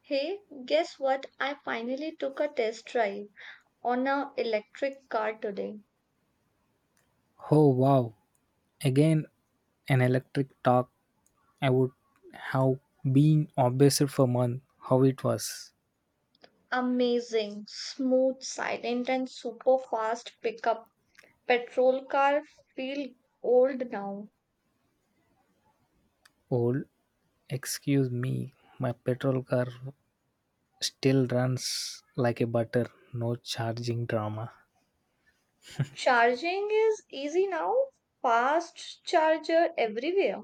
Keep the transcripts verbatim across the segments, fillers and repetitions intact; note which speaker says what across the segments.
Speaker 1: Hey, guess what? I finally took a test drive on a electric car today.
Speaker 2: Oh wow, again an electric talk. I would have been obsessed for months how it was
Speaker 1: Amazing, smooth, silent, and super fast pickup. Petrol car feel old now.
Speaker 2: old. Excuse me, my petrol car still runs like a butter, no charging drama.
Speaker 1: Charging is easy now. Fast charger everywhere.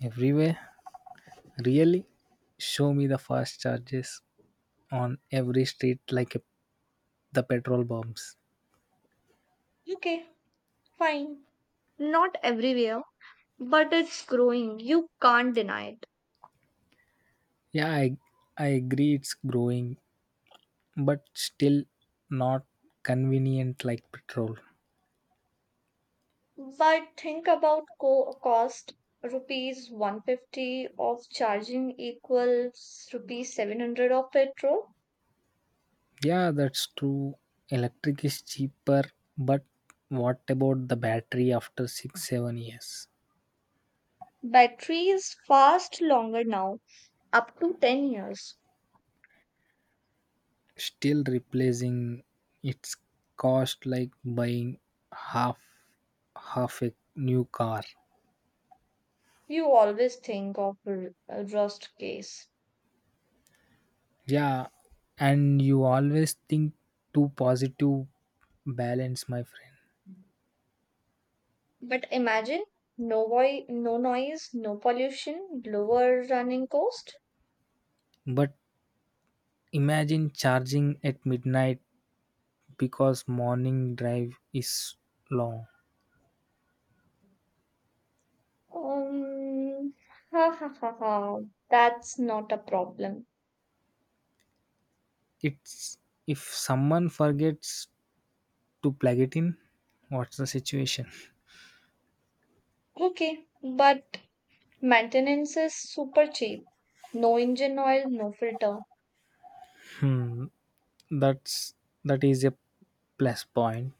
Speaker 2: Everywhere? Really? Show me the fast charges on every street like a, the petrol bombs.
Speaker 1: Okay, fine. Not everywhere, but it's growing. You can't deny it.
Speaker 2: Yeah, I, I agree it's growing, but still not convenient like petrol.
Speaker 1: But think about co- cost rupees one hundred fifty of charging equals rupees seven hundred of petrol.
Speaker 2: Yeah, that's true. Electric is cheaper, but what about the battery after 6 7 years?
Speaker 1: Batteries fast longer now, up to ten years.
Speaker 2: Still replacing its cost like buying half half a new car.
Speaker 1: You always think of r- rust case.
Speaker 2: Yeah, and you always think too positive balance, my friend.
Speaker 1: But imagine no, voi- no noise, no pollution, lower running cost.
Speaker 2: But imagine charging at midnight because morning drive is long.
Speaker 1: Um, ha ha ha ha. That's not a problem.
Speaker 2: It's if someone forgets to plug it in what's the situation.
Speaker 1: Okay, but maintenance is super cheap. No engine oil, no filter.
Speaker 2: Hmm, that's that is a plus point.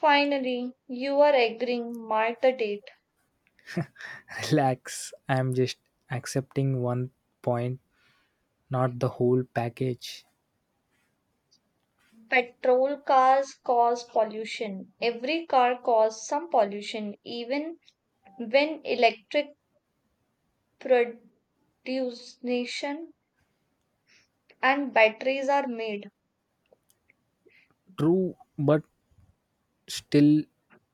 Speaker 1: Finally, you are agreeing, mark the date.
Speaker 2: Relax, I'm just accepting one point, not the whole package.
Speaker 1: Petrol cars cause pollution. Every car causes some pollution, even when electric production and batteries are made.
Speaker 2: True, but still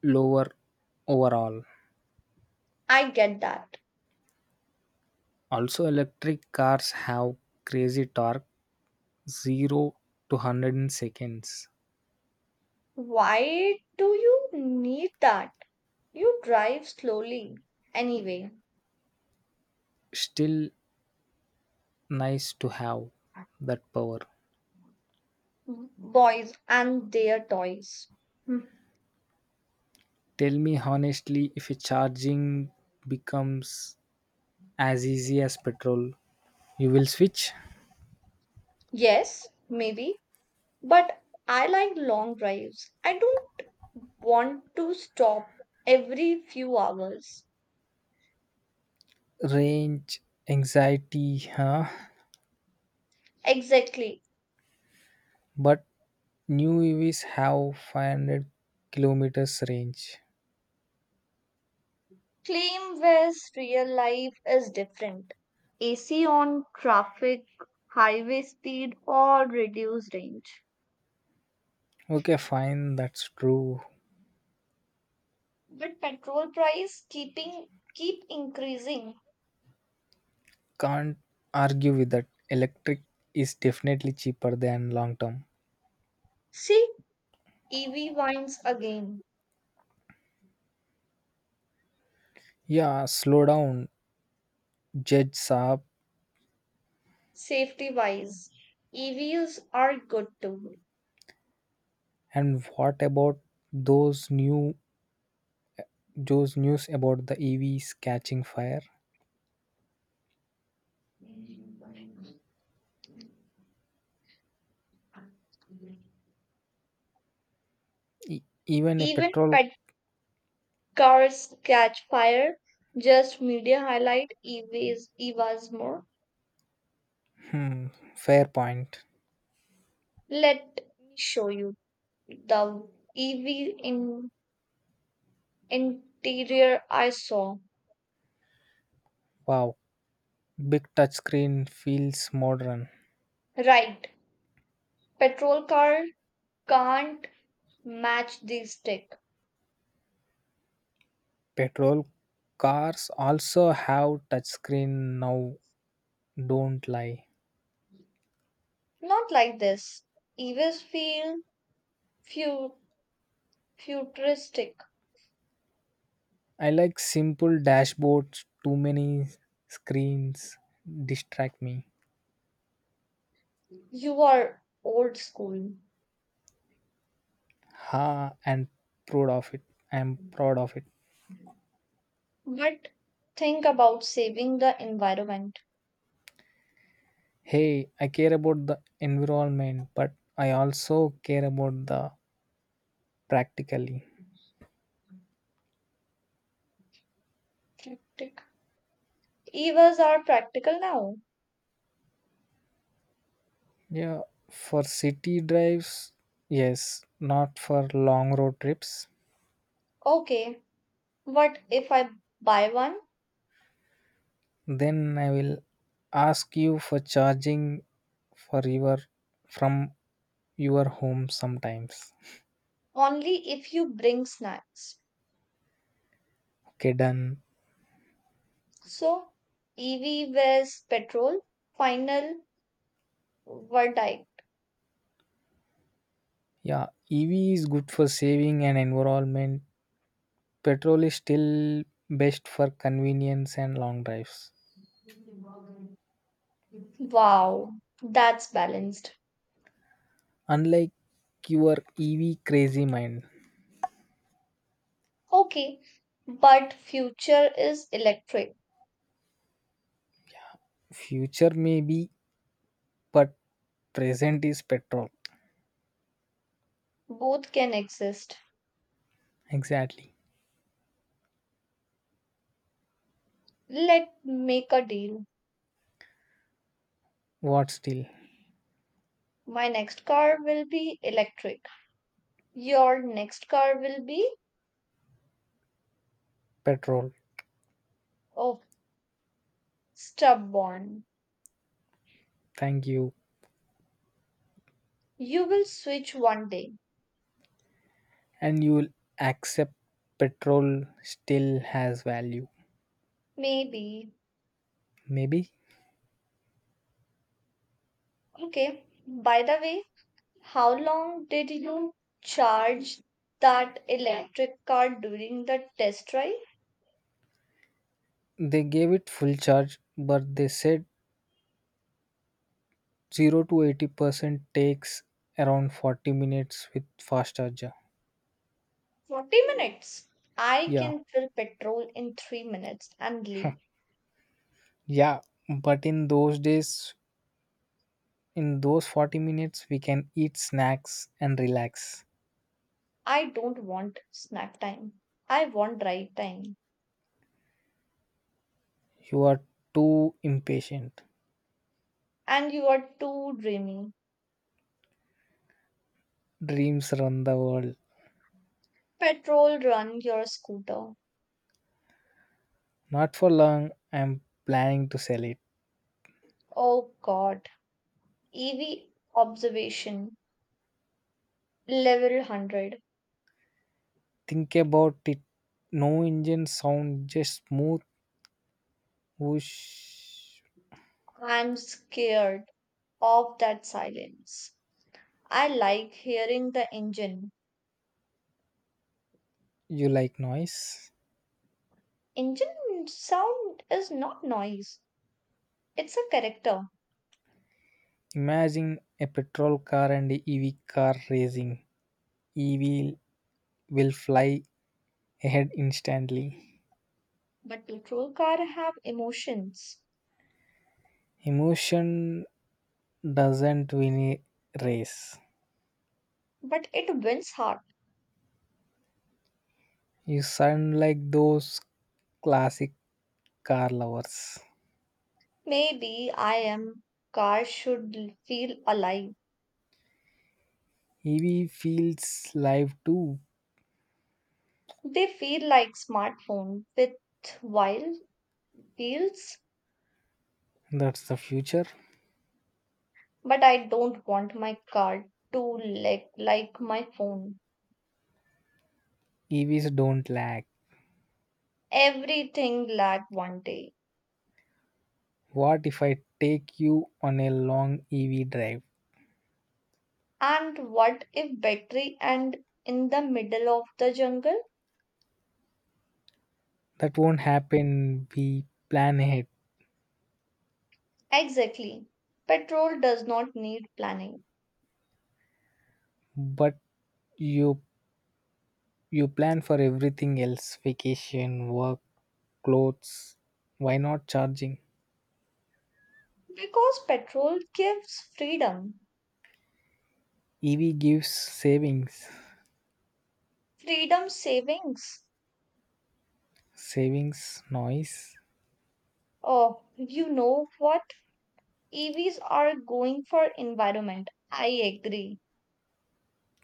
Speaker 2: lower overall.
Speaker 1: I get that.
Speaker 2: Also electric cars have crazy torque, zero to one hundred in seconds.
Speaker 1: Why do you need that? You drive slowly. Anyway,
Speaker 2: Still nice to have that power.
Speaker 1: boys and their toys. Hmm.
Speaker 2: Tell me honestly if a charging becomes as easy as petrol. You will switch.
Speaker 1: Yes, maybe, but I like long drives. I don't want to stop every few hours.
Speaker 2: Range anxiety, huh?
Speaker 1: Exactly.
Speaker 2: But new E Vs have five hundred kilometers range.
Speaker 1: Claim where's real life is different. A C on traffic, highway speed, or reduced range.
Speaker 2: Okay, fine, that's true.
Speaker 1: But petrol price keeping keep increasing.
Speaker 2: Can't argue with that. Electric is definitely cheaper than long term.
Speaker 1: See, E V wins again.
Speaker 2: Yeah, slow down, Judge Saab.
Speaker 1: Safety wise, E Vs are good too.
Speaker 2: And what about those new those news about the E Vs catching fire? E- even a
Speaker 1: Even
Speaker 2: petrol.
Speaker 1: cars catch fire, just media highlight, E Vs, E V As more.
Speaker 2: Hmm, fair point.
Speaker 1: Let me show you the E V in interior I saw.
Speaker 2: Wow, big touchscreen feels modern.
Speaker 1: Right, petrol car can't match this tech.
Speaker 2: Petrol cars also have touchscreen now, don't lie.
Speaker 1: Not like this. E Vs feel fu- futuristic.
Speaker 2: I like simple dashboards, too many screens distract me.
Speaker 1: You are old school.
Speaker 2: Ha, and proud of it. I am proud of it.
Speaker 1: But think about saving the environment.
Speaker 2: Hey, I care about the environment, but I also care about the practically.
Speaker 1: Practic- E V As are practical now.
Speaker 2: Yeah, for city drives, yes, not for long road trips.
Speaker 1: Okay, what if I buy one?
Speaker 2: Then I will ask you for charging for your from your home sometimes.
Speaker 1: Only if you bring snacks.
Speaker 2: Okay, done.
Speaker 1: So, E V vs petrol, final verdict.
Speaker 2: Yeah, E V is good for saving and environment. Petrol is still best for convenience and long drives.
Speaker 1: Wow, that's balanced.
Speaker 2: Unlike your E V crazy mind.
Speaker 1: Okay, but future is electric.
Speaker 2: Future may be, but present is petrol.
Speaker 1: Both can exist.
Speaker 2: Exactly.
Speaker 1: Let make a deal.
Speaker 2: What still?
Speaker 1: My next car will be electric. Your next car will be
Speaker 2: Petrol.
Speaker 1: oh stubborn.
Speaker 2: Thank you.
Speaker 1: You will switch one day.
Speaker 2: And you'll accept petrol still has value.
Speaker 1: Maybe.
Speaker 2: Maybe.
Speaker 1: Okay. By the way, how long did you charge that electric car during the test drive?
Speaker 2: They gave it full charge, but they said zero to eighty percent takes around forty minutes with fast charger.
Speaker 1: forty minutes. I
Speaker 2: Yeah,
Speaker 1: can fill petrol in three minutes and leave.
Speaker 2: yeah, but in those days, in those forty minutes, we can eat snacks and relax.
Speaker 1: I don't want snack time. I want drive time.
Speaker 2: You are too impatient.
Speaker 1: And you are too dreamy.
Speaker 2: Dreams run the world.
Speaker 1: Petrol run your scooter.
Speaker 2: Not for long, I'm planning to sell it.
Speaker 1: Oh god. E V observation level one hundred.
Speaker 2: Think about it. No engine sound, just smooth whoosh.
Speaker 1: I'm scared of that silence. I like hearing the engine.
Speaker 2: You like noise?
Speaker 1: Engine sound is not noise, it's a character.
Speaker 2: Imagine a petrol car and a E V car racing. E V will fly ahead instantly.
Speaker 1: But petrol car have emotions.
Speaker 2: Emotion doesn't win a race.
Speaker 1: But it wins heart.
Speaker 2: You sound like those classic car lovers.
Speaker 1: Maybe I am, car should l- feel alive.
Speaker 2: E V feels live too.
Speaker 1: They feel like smartphone with wild wheels.
Speaker 2: That's the future.
Speaker 1: But I don't want my car to like like my phone.
Speaker 2: E Vs don't lag.
Speaker 1: Everything lag one day.
Speaker 2: What if I take you on a long E V drive?
Speaker 1: And what if battery and in the middle of the jungle?
Speaker 2: That won't happen. We plan ahead,
Speaker 1: Exactly. Petrol does not need planning
Speaker 2: but you you plan for everything else: vacation, work, clothes. Why not charging?
Speaker 1: because petrol gives freedom,
Speaker 2: E V gives savings.
Speaker 1: freedom savings.
Speaker 2: Savings noise.
Speaker 1: Oh, you know what? E Vs are going for environment. I agree,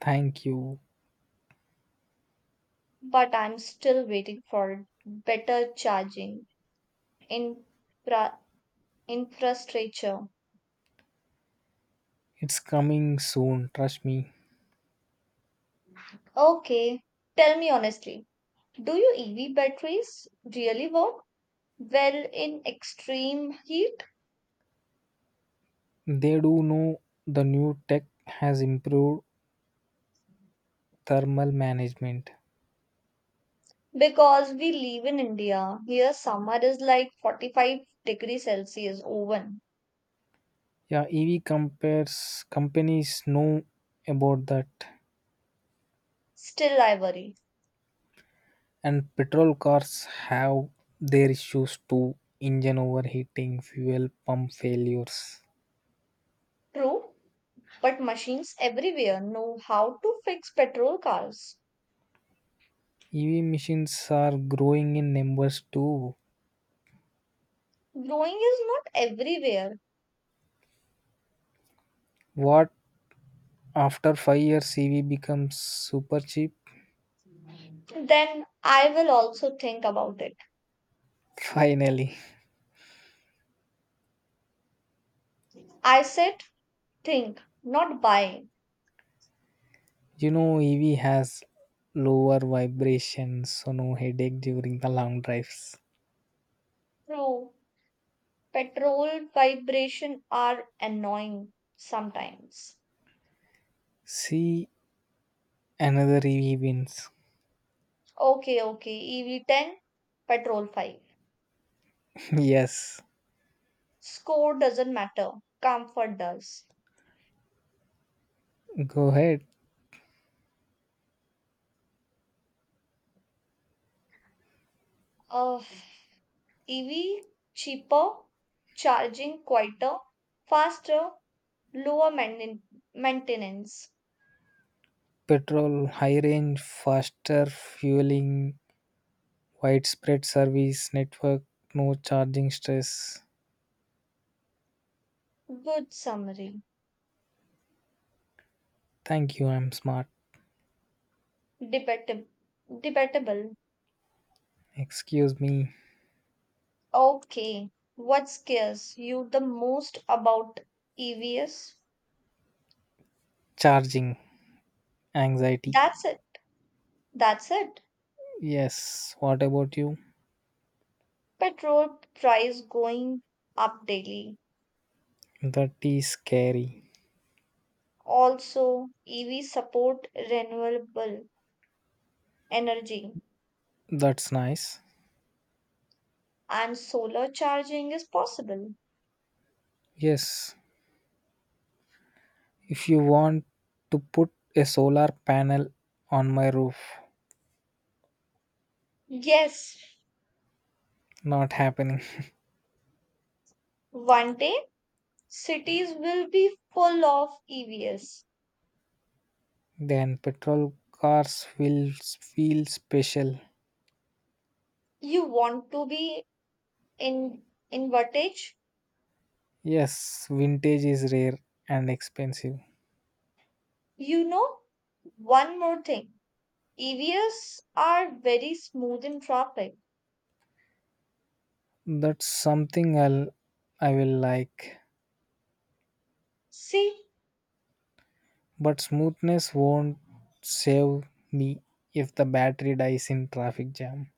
Speaker 2: Thank you.
Speaker 1: but I'm still waiting for better charging infra infrastructure.
Speaker 2: It's coming soon. Trust me.
Speaker 1: Okay, tell me honestly, do your E V batteries really work well in extreme heat?
Speaker 2: They do know the new tech has improved thermal management.
Speaker 1: Because we live in India, here summer is like forty-five degrees Celsius oven.
Speaker 2: Yeah, E V compares companies know about that,
Speaker 1: Still I worry.
Speaker 2: and petrol cars have their issues too: engine overheating, fuel pump failures.
Speaker 1: True, but machines everywhere know how to fix petrol cars.
Speaker 2: E V machines are growing in numbers too.
Speaker 1: Blowing is not everywhere.
Speaker 2: What after five years, E V becomes super cheap?
Speaker 1: Then I will also think about it.
Speaker 2: Finally,
Speaker 1: I said think, not buy.
Speaker 2: you know, E V has lower vibrations, so no headache during the long drives.
Speaker 1: True, petrol vibration are annoying sometimes.
Speaker 2: See, another E V wins.
Speaker 1: Okay, okay, E V ten, petrol five.
Speaker 2: Yes,
Speaker 1: Score doesn't matter, comfort does.
Speaker 2: go ahead.
Speaker 1: Uh, E V cheaper, charging quieter, faster, lower mainten- maintenance.
Speaker 2: Petrol, high range, faster fueling, widespread service network, no charging stress.
Speaker 1: Good summary.
Speaker 2: Thank you, I'm smart.
Speaker 1: Debatable. Debatable.
Speaker 2: Excuse me,
Speaker 1: Okay. What scares you the most about E Vs?
Speaker 2: charging anxiety.
Speaker 1: That's it. That's it.
Speaker 2: Yes, what about you?
Speaker 1: Petrol price going up daily.
Speaker 2: That is scary.
Speaker 1: Also, E V support renewable energy.
Speaker 2: That's nice.
Speaker 1: And solar charging is possible.
Speaker 2: Yes, if you want to put a solar panel on my roof,
Speaker 1: Yes,
Speaker 2: not happening.
Speaker 1: one day cities will be full of E Vs.
Speaker 2: Then petrol cars will feel special.
Speaker 1: You want to be in in wattage?
Speaker 2: Yes, vintage is rare and expensive.
Speaker 1: You know, one more thing. E Vs are very smooth in traffic.
Speaker 2: That's something I'll I will like.
Speaker 1: See,
Speaker 2: But smoothness won't save me if the battery dies in traffic jam.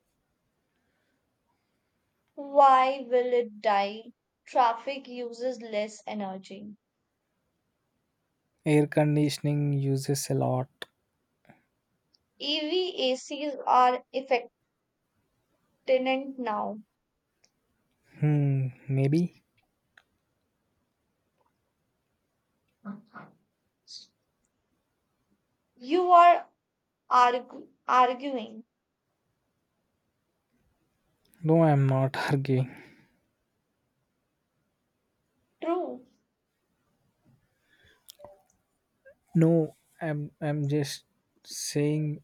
Speaker 1: why will it die? Traffic uses less energy.
Speaker 2: Air conditioning uses a lot.
Speaker 1: E V A Cs are effective now.
Speaker 2: Hmm, maybe.
Speaker 1: You are argu- arguing.
Speaker 2: No, I'm not arguing.
Speaker 1: True.
Speaker 2: No, I'm I'm just saying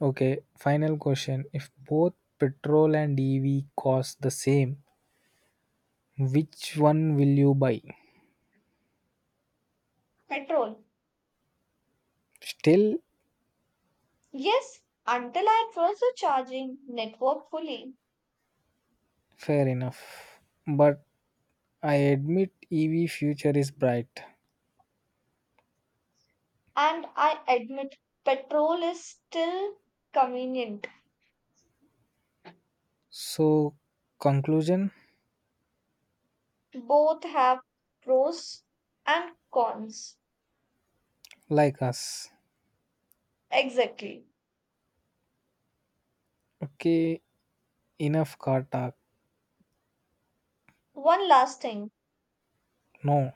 Speaker 2: okay, final question. If both petrol and E V cost the same, which one will you buy?
Speaker 1: Petrol.
Speaker 2: Still
Speaker 1: Yes, until I was a charging network fully.
Speaker 2: fair enough. But I admit E V future is bright.
Speaker 1: And I admit, petrol is still convenient.
Speaker 2: So conclusion
Speaker 1: Both have pros and cons.
Speaker 2: like us.
Speaker 1: Exactly.
Speaker 2: Okay, enough car talk.
Speaker 1: One last thing,
Speaker 2: No.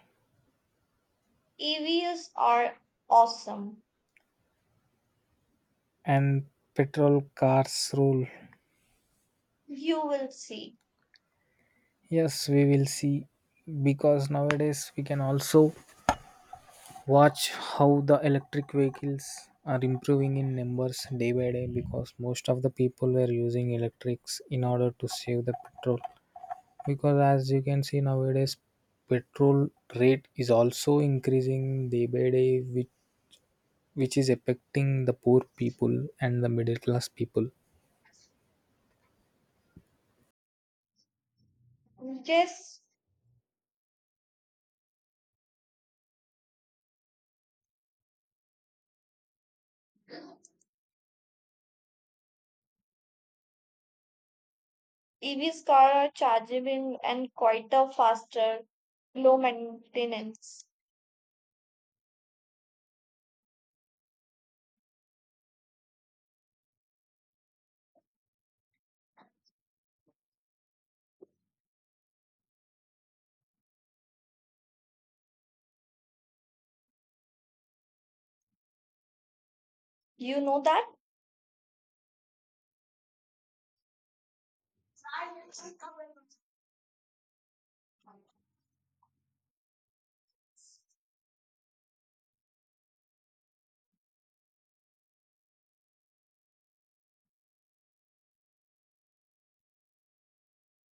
Speaker 1: E Vs are awesome.
Speaker 2: And petrol cars rule.
Speaker 1: You will see.
Speaker 2: Yes, we will see because nowadays we can also watch how the electric vehicles are improving in numbers day by day because most of the people were using electrics in order to save the petrol because as you can see nowadays petrol rate is also increasing day by day which, which is affecting the poor people and the middle class people
Speaker 1: Yes, E Vs car are chargeable and quite a faster, low maintenance. You know that?